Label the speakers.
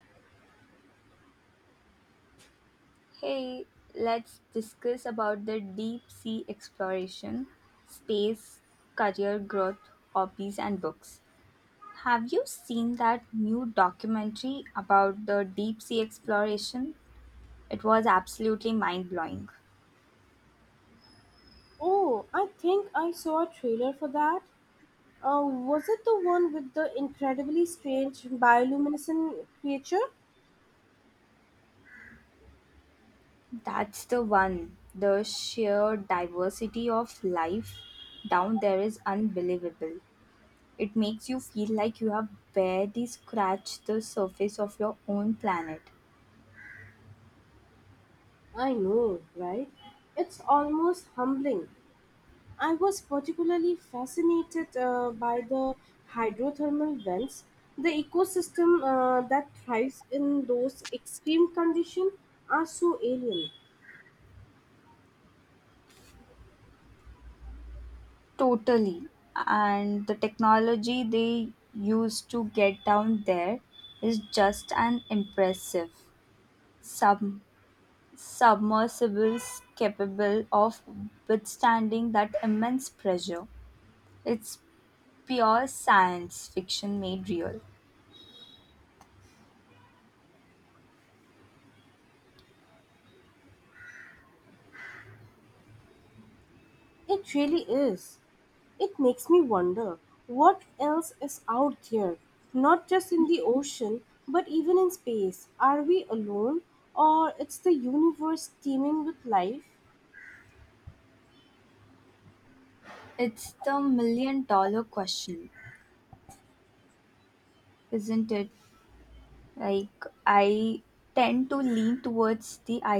Speaker 1: Hey, let's discuss about the deep sea exploration, space, career growth, hobbies and books. Have you seen that new documentary about the deep sea exploration? It was absolutely mind-blowing.
Speaker 2: Oh, I think I saw a trailer for that. Was it the one with the incredibly strange bioluminescent creature?
Speaker 1: That's the one. The sheer diversity of life down there is unbelievable. It makes you feel like you have barely scratched the surface of your own planet.
Speaker 2: I know, right? It's almost humbling. I was particularly fascinated by the hydrothermal vents, the ecosystem that thrives in those extreme conditions are so alien.
Speaker 1: Totally. And the technology they used to get down there is just an impressive. Sub- Submersibles capable of withstanding that immense pressure. It's pure science fiction made real.
Speaker 2: It really is. It makes me wonder what else is out there, not just in the ocean, but even in space. Are we alone, or it's the universe teeming with life?
Speaker 1: It's the million dollar question, isn't it? Like, I tend to lean towards the